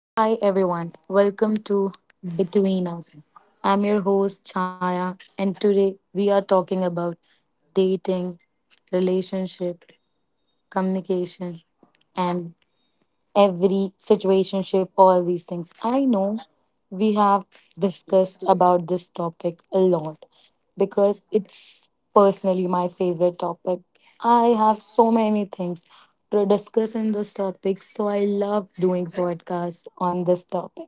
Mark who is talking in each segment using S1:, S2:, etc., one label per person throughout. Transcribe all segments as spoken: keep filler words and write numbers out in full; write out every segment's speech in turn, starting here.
S1: Hi everyone, welcome to Between Us. I'm your host Chaya, and today we are talking about dating, relationship, communication, and every situationship, all these things. I know we have discussed about this topic a lot because it's personally my favorite topic. I have so many things to discuss in this topic, so I love doing podcasts on this topic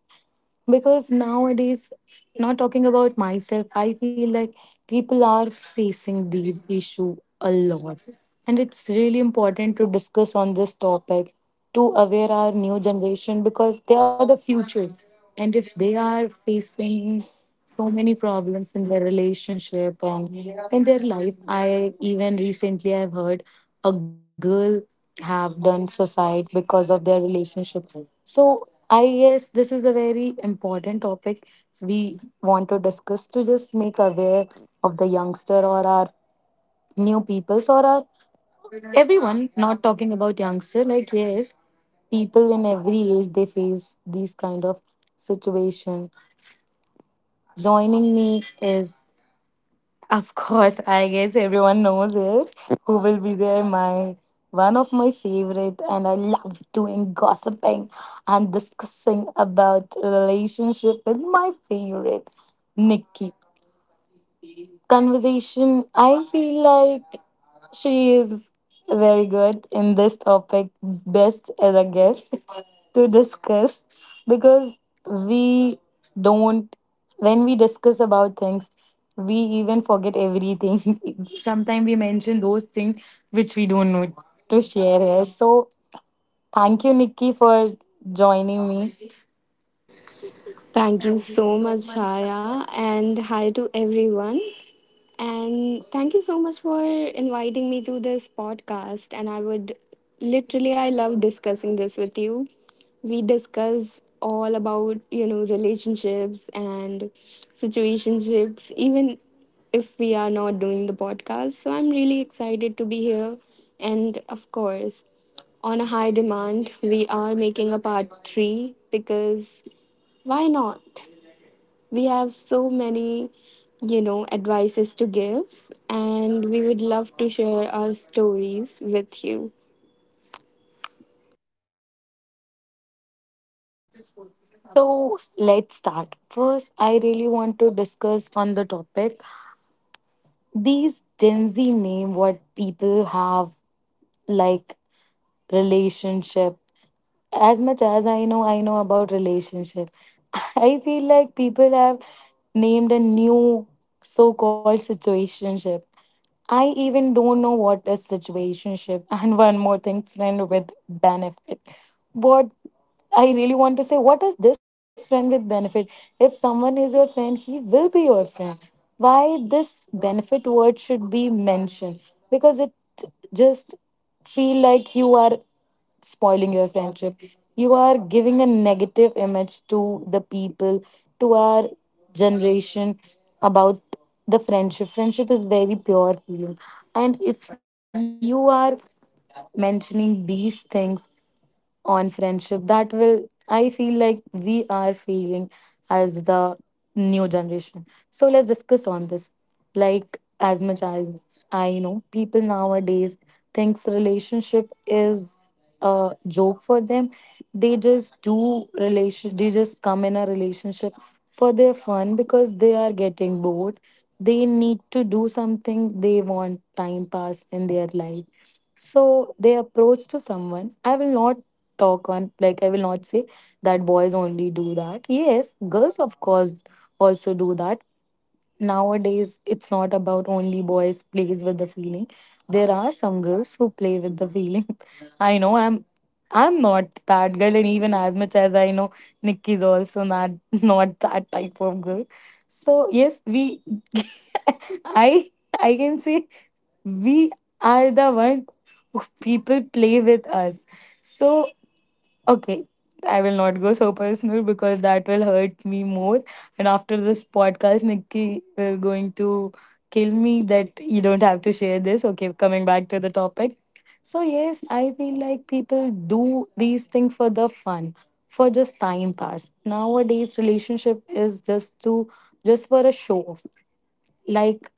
S1: because nowadays, not talking about myself, I feel like people are facing these issue a lot, and it's really important to discuss on this topic to aware our new generation because they are the futures. And if they are facing so many problems in their relationship and in their life, I even recently I've heard a girl have done suicide because of their relationship. So I guess this is a very important topic we want to discuss to just make aware of the youngster or our new peoples or our everyone. Not talking about youngster, like yes, people in every age they face these kind of situation. Joining me is, of course, I guess everyone knows it. Who will be there? My One of my favorite, and I love doing gossiping and discussing about relationship with my favorite Nikki. Conversation. I feel like she is very good in this topic, best as a guest to discuss because we don't, when we discuss about things, we even forget everything. Sometimes we mention those things which we don't know to share here. So, thank you, Nikki, for joining me.
S2: Thank you so much, Shaya, and hi to everyone. And thank you so much for inviting me to this podcast. And I would literally, I love discussing this with you. We discuss all about, you know, relationships and situationships, even if we are not doing the podcast. So I'm really excited to be here. And of course, on a high demand, we are making a part three. Because why not? We have so many, you know, advices to give, and we would love to share our stories with you.
S1: So, let's start. First, I really want to discuss on the topic these Gen Z name what people have, like, relationship. As much as I know, I know about relationship. I feel like people have named a new so-called situationship. I even don't know what is situationship. And one more thing, friend with benefit. What I really want to say, what is this friend with benefit? If someone is your friend, he will be your friend. Why this benefit word should be mentioned? Because it just feel like you are spoiling your friendship. You are giving a negative image to the people, to our generation, about the friendship. Friendship is very pure feeling. And if you are mentioning these things on friendship, that will, I feel like, we are feeling as the new generation. So let's discuss on this. Like, as much as I know, people nowadays thinks relationship is a joke for them. They just do relation, they just come in a relationship for their fun because they are getting bored, they need to do something, they want time pass in their life, so they approach to someone. I will not talk on, like, I will not say that boys only do that. Yes, girls of course also do that. Nowadays it's not about only boys plays with the feeling. There are some girls who play with the feeling. I know I'm I'm not that girl, and even as much as I know, Nikki's also not, not that type of girl. So yes, we I I can say we are the one who people play with us. So, okay, I will not go so personal because that will hurt me more. And after this podcast, Nikki will going to kill me that you don't have to share this. Okay, coming back to the topic. So yes, I feel like people do these things for the fun, for just time pass. Nowadays, relationship is just to just for a show off. Like,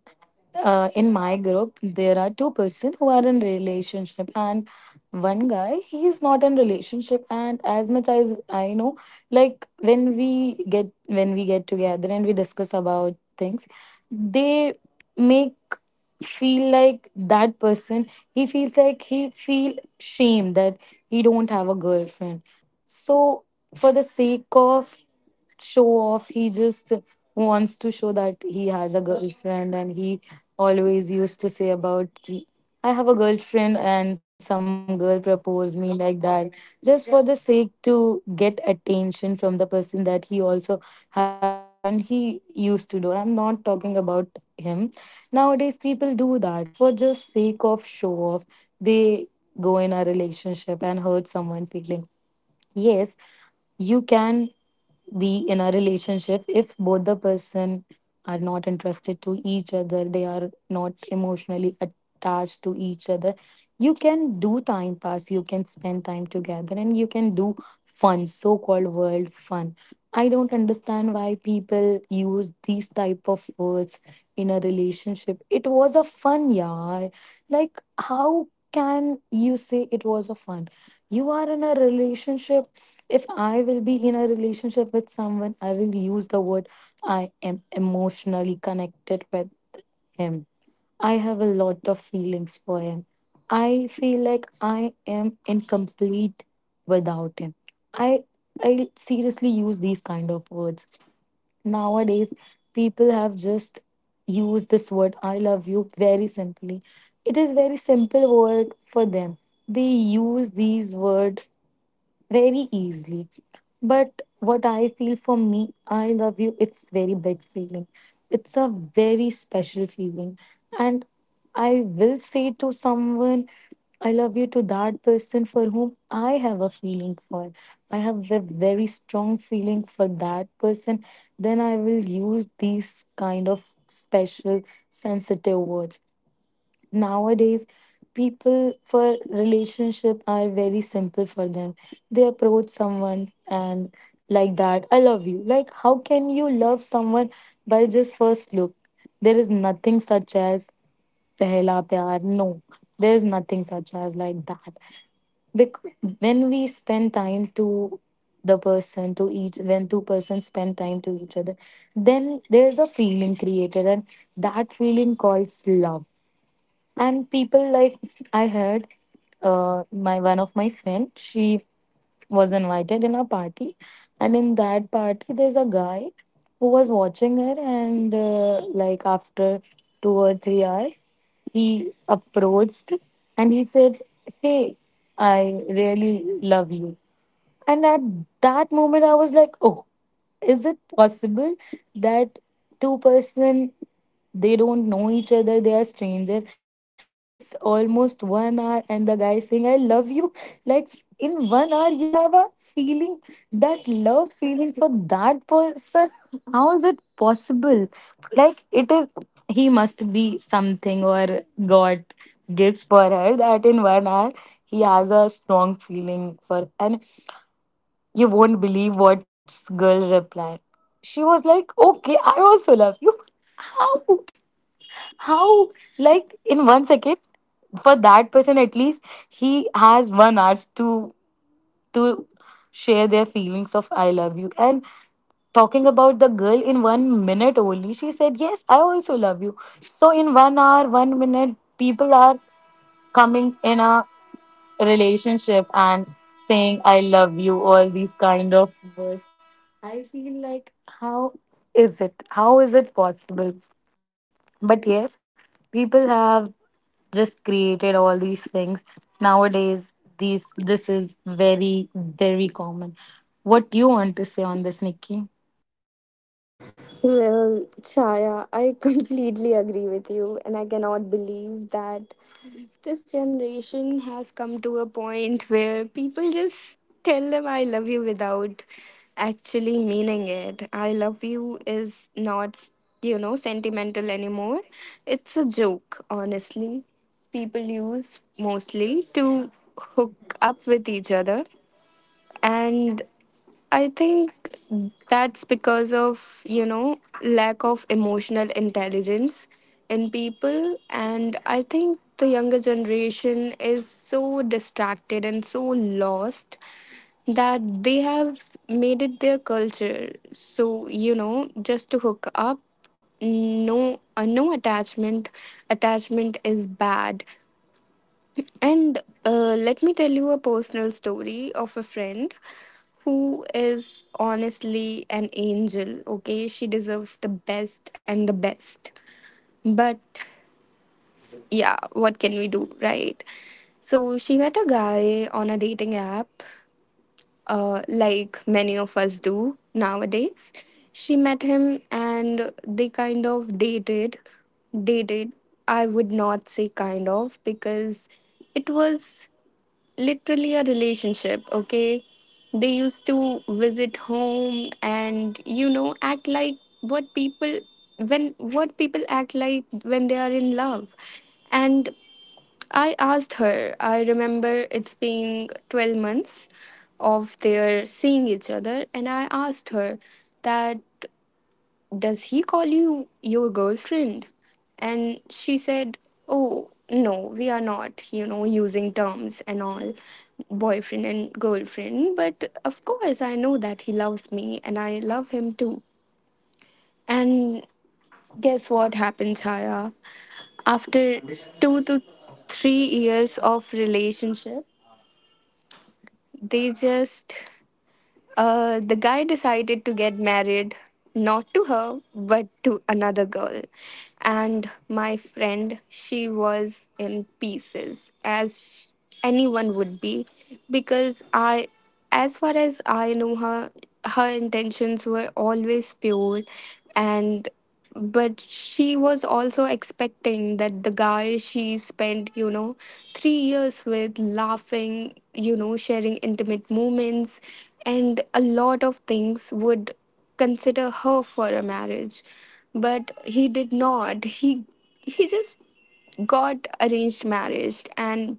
S1: uh, in my group there are two person who are in relationship and one guy he is not in relationship, and as much as I know, like when we get when we get together and we discuss about things, they make feel like that person, he feels like he feel shame that he don't have a girlfriend. So for the sake of show off, he just wants to show that he has a girlfriend, and he always used to say about, ki, "I have a girlfriend, and some girl proposed me like that," just for the sake to get attention from the person that he also have the girlfriend he used to do. I'm not talking about him. Nowadays, people do that for just sake of show off. They go in a relationship and hurt someone feeling. Yes, you can be in a relationship if both the person are not interested to each other, they are not emotionally attached to each other, you can do time pass, you can spend time together, and you can do fun, so called world fun. I don't understand why people use these type of words in a relationship. It was a fun, yeah. Like how can you say it was a fun? You are in a relationship. If I will be in a relationship with someone, I will use the word I am emotionally connected with him. I have a lot of feelings for him. I feel like I am incomplete without him. I I seriously use these kind of words. Nowadays, people have just used this word I love you very simply. It is very simple word for them. They use these word very easily, but what I feel, for me, I love you, it's very big feeling. It's a very special feeling. And I will say to someone, I love you, to that person for whom I have a feeling for. I have a very strong feeling for that person. Then I will use these kind of special, sensitive words. Nowadays, people, for relationship are very simple for them. They approach someone and, like that, I love you. Like, how can you love someone by just first look? There is nothing such as pehla pyar, no. There is nothing such as like that, because when we spend time to the person, to each, when two persons spend time to each other, then there's a feeling created, and that feeling calls love. And people like, I heard, uh, my one of my friend, she was invited in a party, and in that party there's a guy who was watching her, and uh, like after two or three hours he approached and he said, hey, I really love you. And at that moment I was like, oh, is it possible that two person, they don't know each other, they are stranger, and just just almost one hour, and the guy saying I love you. Like, in one hour you have a feeling, that love feeling for that person? How is it possible? Like, it is, he must be something, or god gives for her that in one hour he has a strong feeling for. And you won't believe what girl replied. She was like, okay, I also love you. how how, like, in one second, for that person at least, he has one hour to to share their feelings of I love you. And talking about the girl, in one minute only, she said, Yes, I also love you. So in one hour, one minute, people are coming in a relationship and saying I love you, all these kind of words. I feel like, how is it? How is it possible? But yes, people have just created all these things. Nowadays, these this is very, very common. What do you want to say on this, Nikki?
S2: Well, Chaya, I completely agree with you, and I cannot believe that this generation has come to a point where people just tell them I love you without actually meaning it. I love you is not, you know, sentimental anymore. It's a joke, honestly. People use mostly to hook up with each other. And. I think that's because of, you know, lack of emotional intelligence in people. And I think the younger generation is so distracted and so lost that they have made it their culture. So, you know, just to hook up, no, uh, no attachment. Attachment is bad. And uh, let me tell you a personal story of a friend who is honestly an angel, okay? She deserves the best and the best. But yeah, what can we do, right? So she met a guy on a dating app, uh, like many of us do nowadays. She met him and they kind of dated. Dated, I would not say kind of, because it was literally a relationship, okay? They used to visit home and, you know, act like what people, when what people act like when they are in love. And I asked her, I remember it's been twelve months of their seeing each other, and I asked her that, does he call you your girlfriend? And she said, oh, no, we are not, you know, using terms and all, boyfriend and girlfriend. But of course, I know that he loves me and I love him too. And guess what happened, Chaya? After two to three years of relationship, they just Uh, the guy decided to get married, not to her, but to another girl. And my friend, she was in pieces, as sh- anyone would be, because I, as far as I know her, her intentions were always pure. And but she was also expecting that the guy she spent, you know, three years with, laughing, you know, sharing intimate moments and a lot of things, would consider her for a marriage. But he did not he he just got arranged marriage. And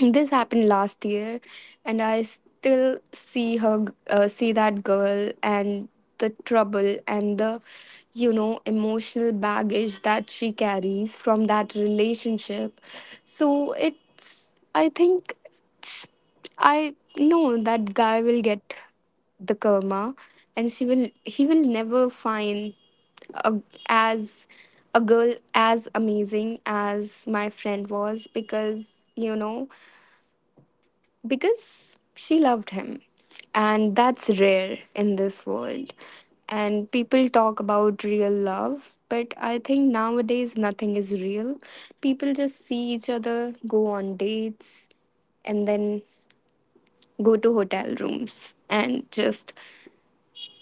S2: this happened last year, and I still see her, uh, see that girl and the trouble and the, you know, emotional baggage that she carries from that relationship. So it's, I think it's, I know that guy will get the karma, and she will he will never find a, as a girl as amazing as my friend was, because, you know, because she loved him. And that's rare in this world. And people talk about real love, but I think nowadays nothing is real. People just see each other, go on dates, and then go to hotel rooms and just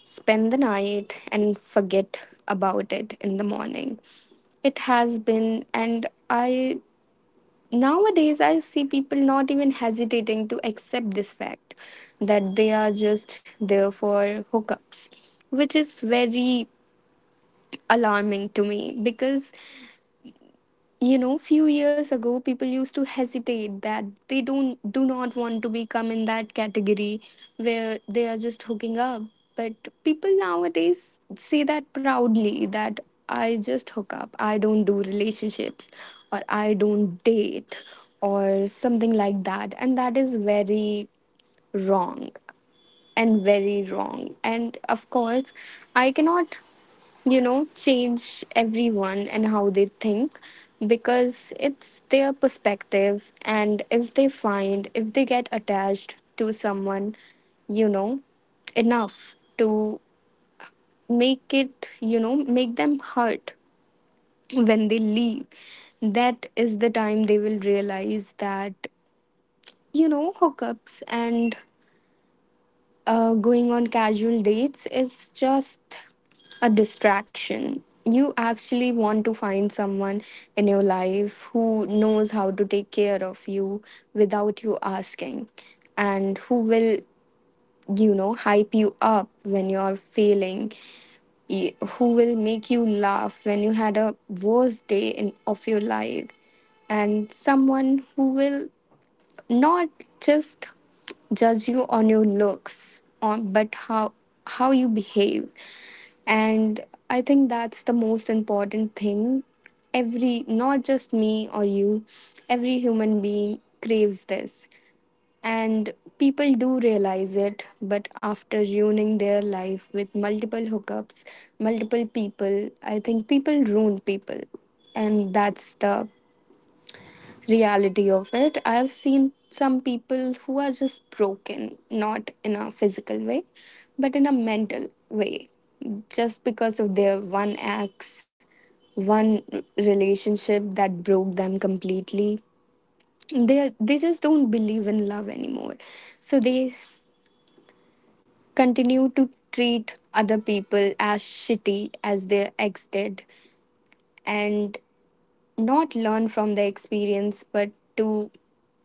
S2: spend the night and forget about it in the morning. It has been, and I Nowadays, I see people not even hesitating to accept this fact that they are just there for hookups, which is very alarming to me, because, you know, few years ago people used to hesitate, that they don't, do not want to become in that category where they are just hooking up. But people nowadays say that proudly, that I just hook up, I don't do relationships, or I don't date, or something like that. And that is very wrong and very wrong. And of course, I cannot, you know, change everyone and how they think, because it's their perspective. And if they find, if they get attached to someone, you know, enough to make it, you know, make them hurt when they leave, that is the time they will realize that, you know, hookups and uh, going on casual dates is just a distraction. You actually want to find someone in your life who knows how to take care of you without you asking, and who will, you know, hype you up when you're failing, y- who will make you laugh when you had a worst day in, of your life, and someone who will not just judge you on your looks on but how how you behave. And I think that's the most important thing. Every, not just me or you, every human being craves this. And people do realize it, but after ruining their life with multiple hookups, multiple people. I think people ruin people, and that's the reality of it. I've seen some people who are just broken, not in a physical way, but in a mental way, just because of their one ex, one relationship that broke them completely. They they just don't believe in love anymore, so they continue to treat other people as shitty as their ex did, and not learn from the experience, but to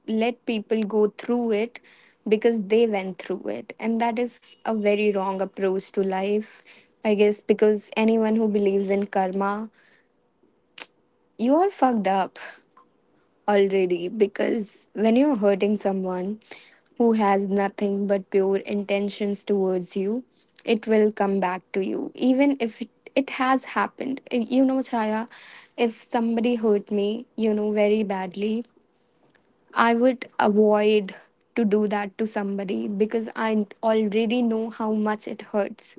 S2: let people go through it because they went through it. And that is a very wrong approach to life, I guess, because anyone who believes in karma, you are fucked up already. Because when you're hurting someone who has nothing but pure intentions towards you, it will come back to you, even if it, it has happened. You know, Chaya, if somebody hurt me, you know, very badly, I would avoid to do that to somebody because I already know how much it hurts.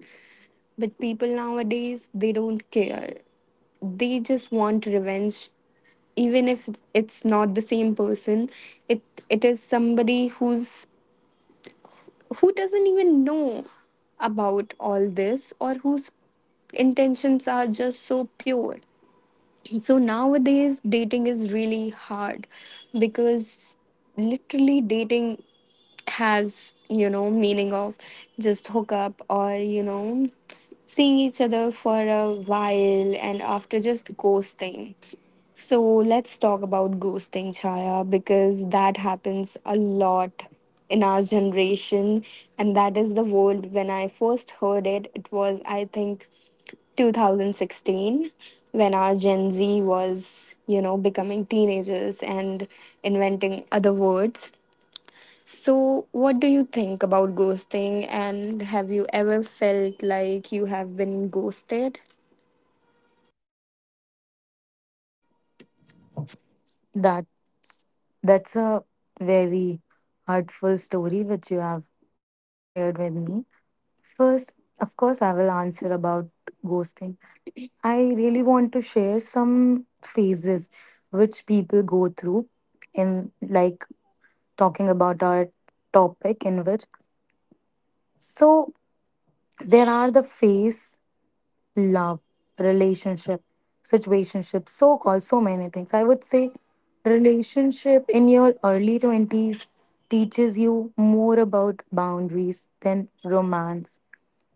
S2: But people nowadays, they don't care. They just want revenge, even if it's not the same person. It it is somebody who's, who doesn't even know about all this, or whose intentions are just so pure. So nowadays dating is really hard because literally dating has, you know, meaning of just hook up, or, you know, seeing each other for a while and after just ghosting. So let's talk about ghosting, Chaya, because that happens a lot in our generation. And that is the word, when I first heard it, it was, I think, two thousand sixteen, when our Gen Z was, you know, becoming teenagers and inventing other words. So what do you think about ghosting, and have you ever felt like you have been ghosted?
S1: That that's a very heartful story which you have shared with me. First, of course, I will answer about ghosting. I really want to share some phases which people go through, in, like, talking about our topic, in which, so, there are the phase, love, relationship, situationship, so called, so many things. I would say relationship in your early twenties teaches you more about boundaries than romance.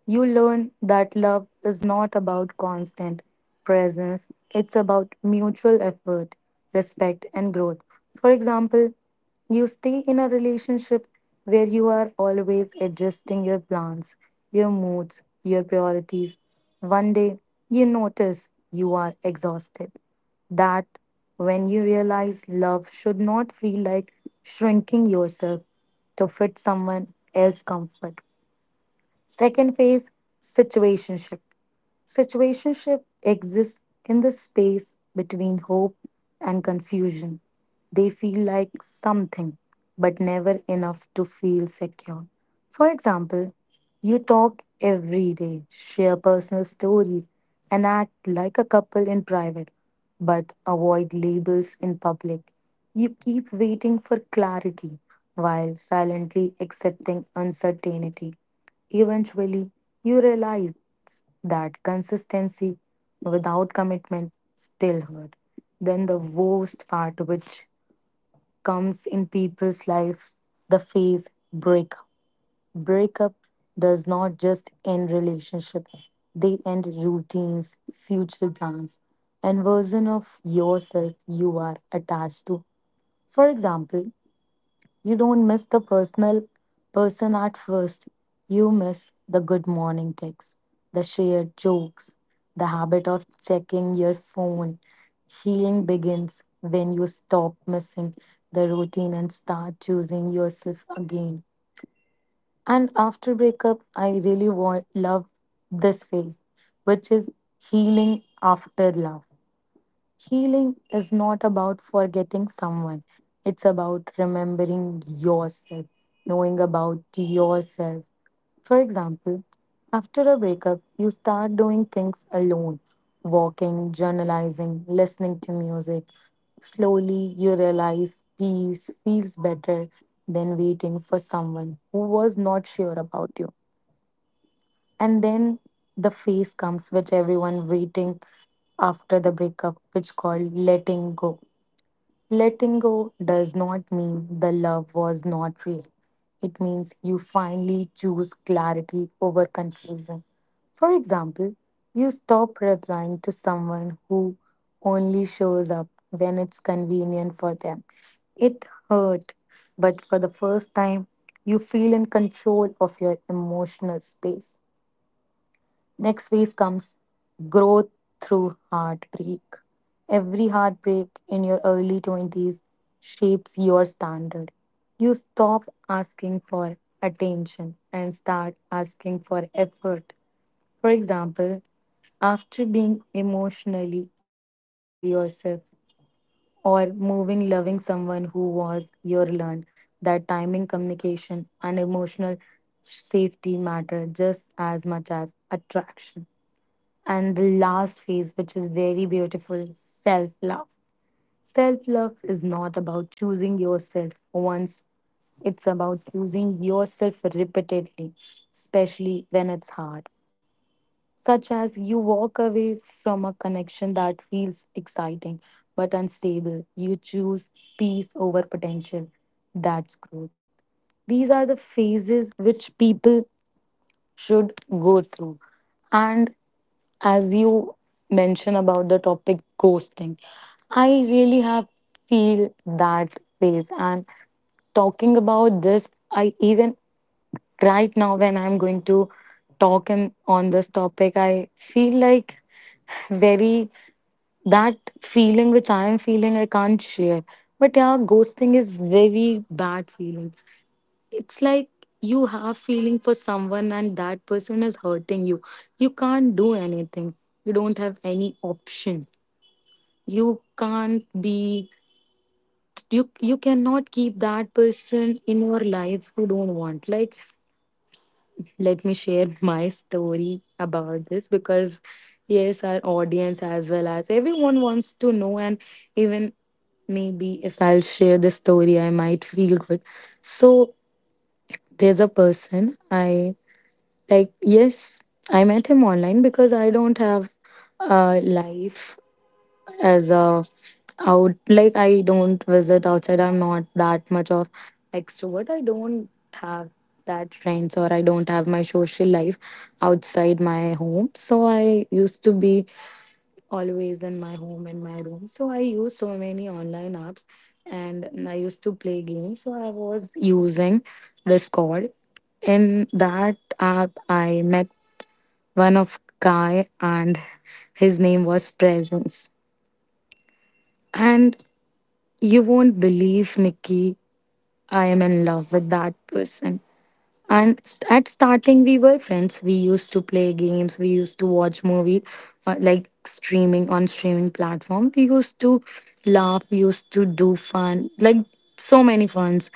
S1: You learn that love is not about constant presence, it's about mutual effort, respect, and growth. For example, you stay in a relationship where you are always adjusting your plans, your moods, your priorities. One day, you notice you are exhausted. That when you realize love should not feel like shrinking yourself to fit someone else's comfort. Second phase, situationship. Situationship exists in the space between hope and confusion. They feel like something, but never enough to feel secure. For example, you talk every day, share personal stories, and act like a couple in private, but avoid labels in public. You keep waiting for clarity while silently accepting uncertainty. Eventually, you realize that consistency without commitment still hurt. Then the worst part, which comes in people's life, the phase breakup. Breakup does not just end relationship; they end routines, future plans, and version of yourself you are attached to. For example, you don't miss the personal person at first. You miss the good morning texts, the shared jokes, the habit of checking your phone. Healing begins when you stop missing the routine and start choosing yourself again. And after breakup, I really want, love this phase, which is healing after love. Healing is not about forgetting someone, it's about remembering yourself, knowing about yourself. For example, after a breakup, you start doing things alone, walking, journalizing, listening to music. Slowly, you realize peace feels better than waiting for someone who was not sure about you. And then the phase comes which everyone waiting after the breakup, which called letting go. Letting go does not mean the love was not real. It means you finally choose clarity over confusion. For example, you stop replying to someone who only shows up when it's convenient for them. It hurt, but for the first time, you feel in control of your emotional space. Next phase comes growth through heartbreak. Every heartbreak in your early twenties shapes your standard. You stop asking for attention and start asking for effort. For example, after being emotionally unavailable yourself or moving loving someone who was your learned that timing communication and emotional safety matter just as much as attraction, and the last phase, which is very beautiful self love. Self love is not about choosing yourself once, it's about choosing yourself repeatedly, especially when it's hard. Such as you walk away from a connection that feels exciting but unstable, you choose peace over potential. That's growth. These are the phases which people should go through. And as you mention about the topic ghosting, I really have feel that phase. And talking about this, I even right now when I'm going to talk in, on this topic, I feel like very, that feeling which I am feeling I can't share. But yeah, ghosting is very bad feeling, it's like you have feeling for someone and that person is hurting you, you can't do anything, you don't have any option, you can't be, you you cannot keep that person in your life who don't want. Like, let me share my story about this because yes, our audience as well as everyone wants to know, and even maybe if I'll share the story I might feel good. So there's a person, I, like, yes, I met him online because I don't have a life as a out, like I don't visit outside. I'm not that much of extrovert. I don't have that friends or I don't have my social life outside my home. So I used to be always in my home, in my room. So I use so many online apps and I used to play games. So I was using Discord. In that app I met one of Kai, and his name was Presence. And you won't believe, Nikki, I am in love with that person. And st- at starting, we were friends. We used to play games. We used to watch movie, uh, like streaming on streaming platform. We used to laugh. We used to do fun, like so many funs,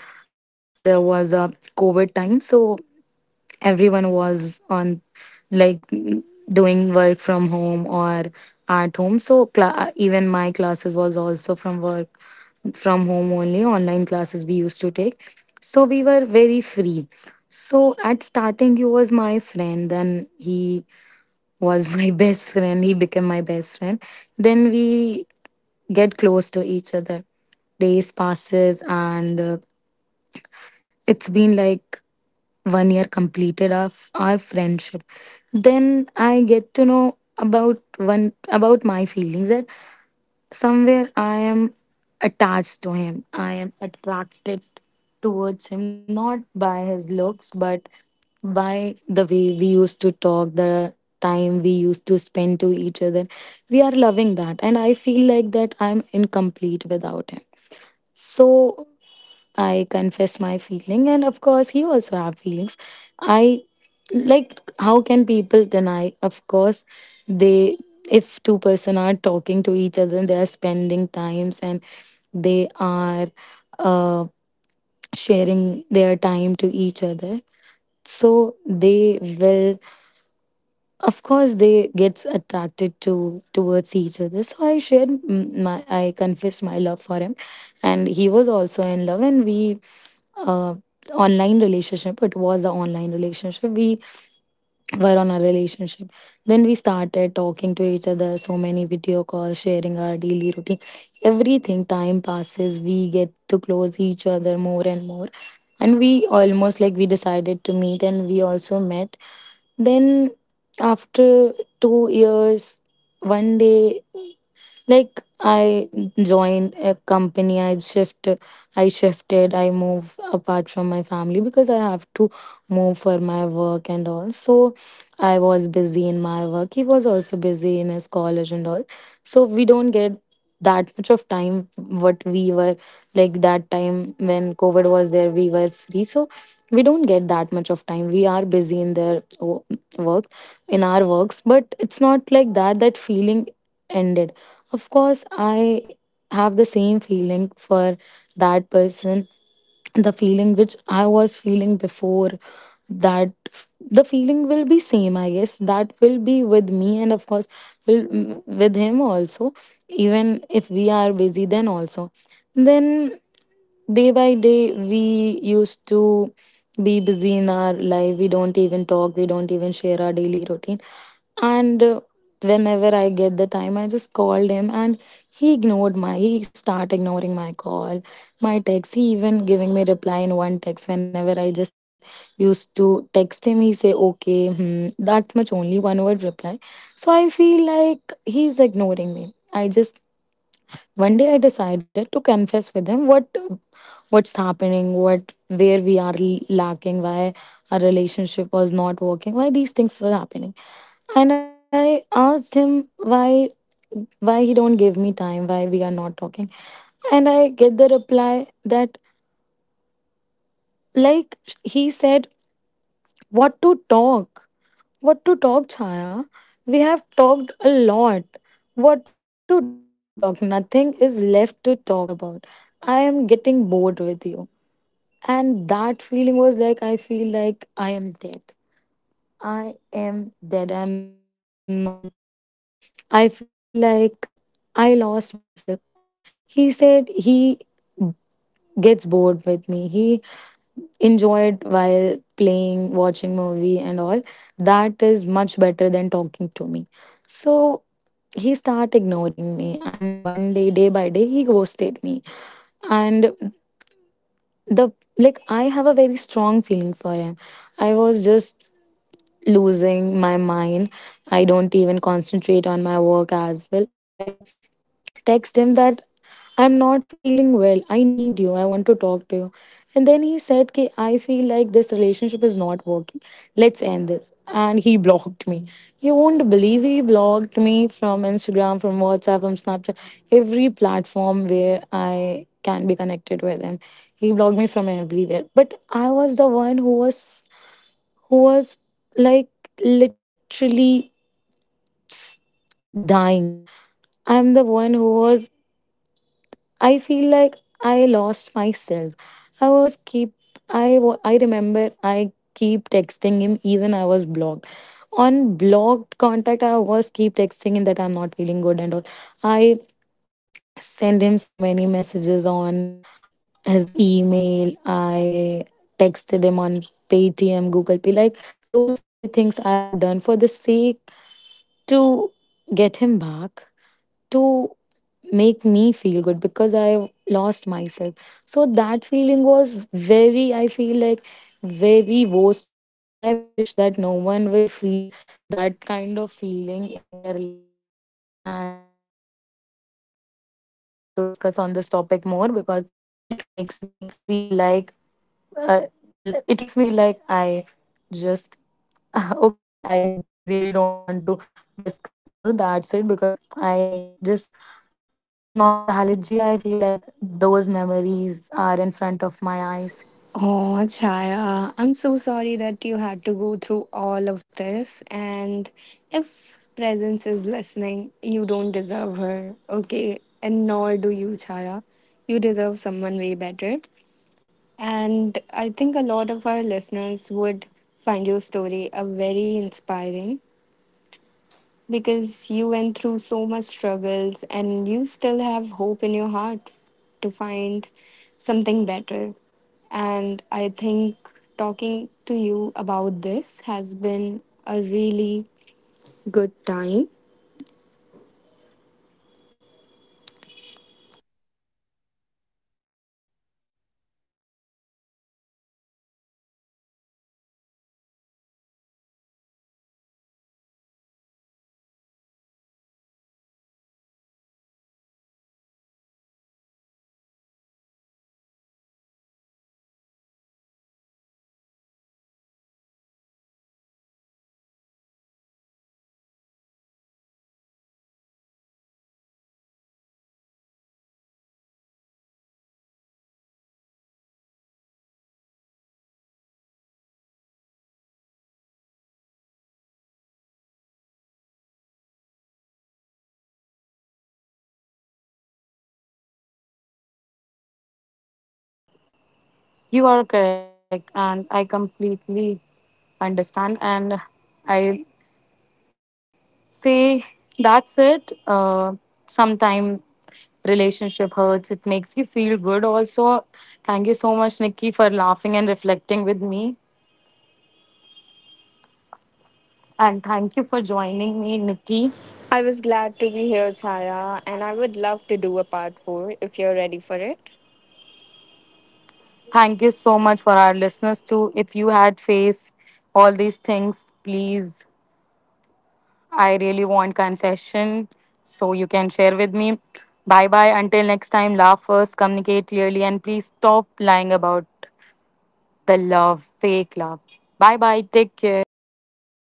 S1: because there was a COVID time. So everyone was on, like, mm, doing work from home or at home. So cla- uh, even my classes was also from work from home only, online classes we used to take, so we were very free. So at starting he was my friend, then he was my best friend, he became my best friend, then we get close to each other, days passes and uh, it's been like one year completed our, our friendship. Then I get to know about one, about my feelings, that somewhere I am attached to him, I am attracted towards him, not by his looks but by the way we used to talk, the time we used to spend to each other, we are loving that and I feel like that I'm incomplete without him. So I confess my feeling and of course he also have feelings. I, like, how can people deny? Of course they, if two person are talking to each other and they are spending times and they are, uh, sharing their time to each other, so they will, of course they gets attracted to towards each other. So I shared, mm, my, I confessed my love for him, and he was also in love and we, uh, online relationship, it was an online relationship, we were on a relationship. Then we started talking to each other, so many video calls, sharing our daily routine. Everything, time passes, we get to close each other more and more. And we almost, like, we decided to meet and we also met. Then after two years, one day, like, I joined a company, I shift, I shifted, I move apart from my family because I have to move for my work and all. So I was busy in my work, he was also busy in his college and all, so we don't get that much of time what we were like that time when COVID was there, we were free. So we don't get that much of time, we are busy in their o- work, in our works. But it's not like that that feeling ended. Of course, I have the same feeling for that person. The feeling which I was feeling before, that f- the feeling will be same, I guess, that will be with me and of course will, mm, with him also, even if we are busy then also. Then day by day we used to be busy in our life, we don't even talk, we don't even share our daily routine, and uh, whenever I get the time I just called him and he ignored my, he start ignoring my call, my text. He even giving me reply in one text whenever I just used to text him. He say okay, hmm, that much only one word reply. So I feel like he's ignoring me. I just, one day I decided to confess with him what what's happening, what where we are l- lacking, why our relationship was not working, why these things were happening. And I asked him why why he don't give me time, why we are not talking, and I get the reply that, like, he said, what to talk? What to talk, Chaya? We have talked a lot. What to talk? Nothing is left to talk about. I am getting bored with you. And that feeling was like, I feel like I am dead. I am dead. I'm not here. I feel like I lost myself. I, he said he gets bored with me. He enjoyed while playing, watching movie and all, that is much better than talking to me. So he started ignoring me and one day, day by day, he ghosted me. And the, like, I have a very strong feeling for him. I was just losing my mind. I don't even concentrate on my work as well. I text him that I'm not feeling well. I need you. I want to talk to you. And then he said, Ki, I feel like this relationship is not working. Let's end this. And he blocked me. You won't believe he blocked me from Instagram, from WhatsApp, from Snapchat, every platform where I can be connected with him. He blocked me from everywhere. But I was the one who was, who was, like, literally, s- dying. I'm the one who was, I feel like I lost myself. I was keep, I wa- I remember I keep texting him even I was blocked. On blocked contact I was keep texting him that I'm not feeling good and all. I send him so many messages on his email. I texted him on Paytm, Google Pay, like those silly things I have done for the sake to get him back, to make me feel good because I lost myself. So that feeling was very, I feel like very worst feeling, and I wish that no one will feel that kind of feeling in their life. And yes, I don't want to discuss on this topic more because it makes me feel like, uh, l- it makes me feel like I just okay, I really don't want to discuss more. That's it, because I just, nostalgia. I feel like those memories are in front of my eyes.
S2: Oh, Chaya, I'm so sorry that you had to go through all of this. And if Presence is listening, you don't deserve her, okay? And nor do you, Chaya. You deserve someone way better. And I think a lot of our listeners would find your story a very inspiring, because you went through so much struggles and you still have hope in your heart to find something better. And I think talking to you about this has been a really good time.
S3: You are correct, and I completely understand. And I say that's it. Uh, sometime relationship hurts. It makes you feel good. Also, thank you so much, Nikki, for laughing and reflecting with me. And thank you for joining me, Nikki.
S2: I was glad to be here, Chaya, and I would love to do a part four if you're ready for it.
S3: Thank you so much for our listeners too. If you had faced all these things, please, I really want confession, so you can share with me. Bye bye. Until next time, laugh first, communicate clearly, and please stop lying about the love, fake love. Bye bye. Take care.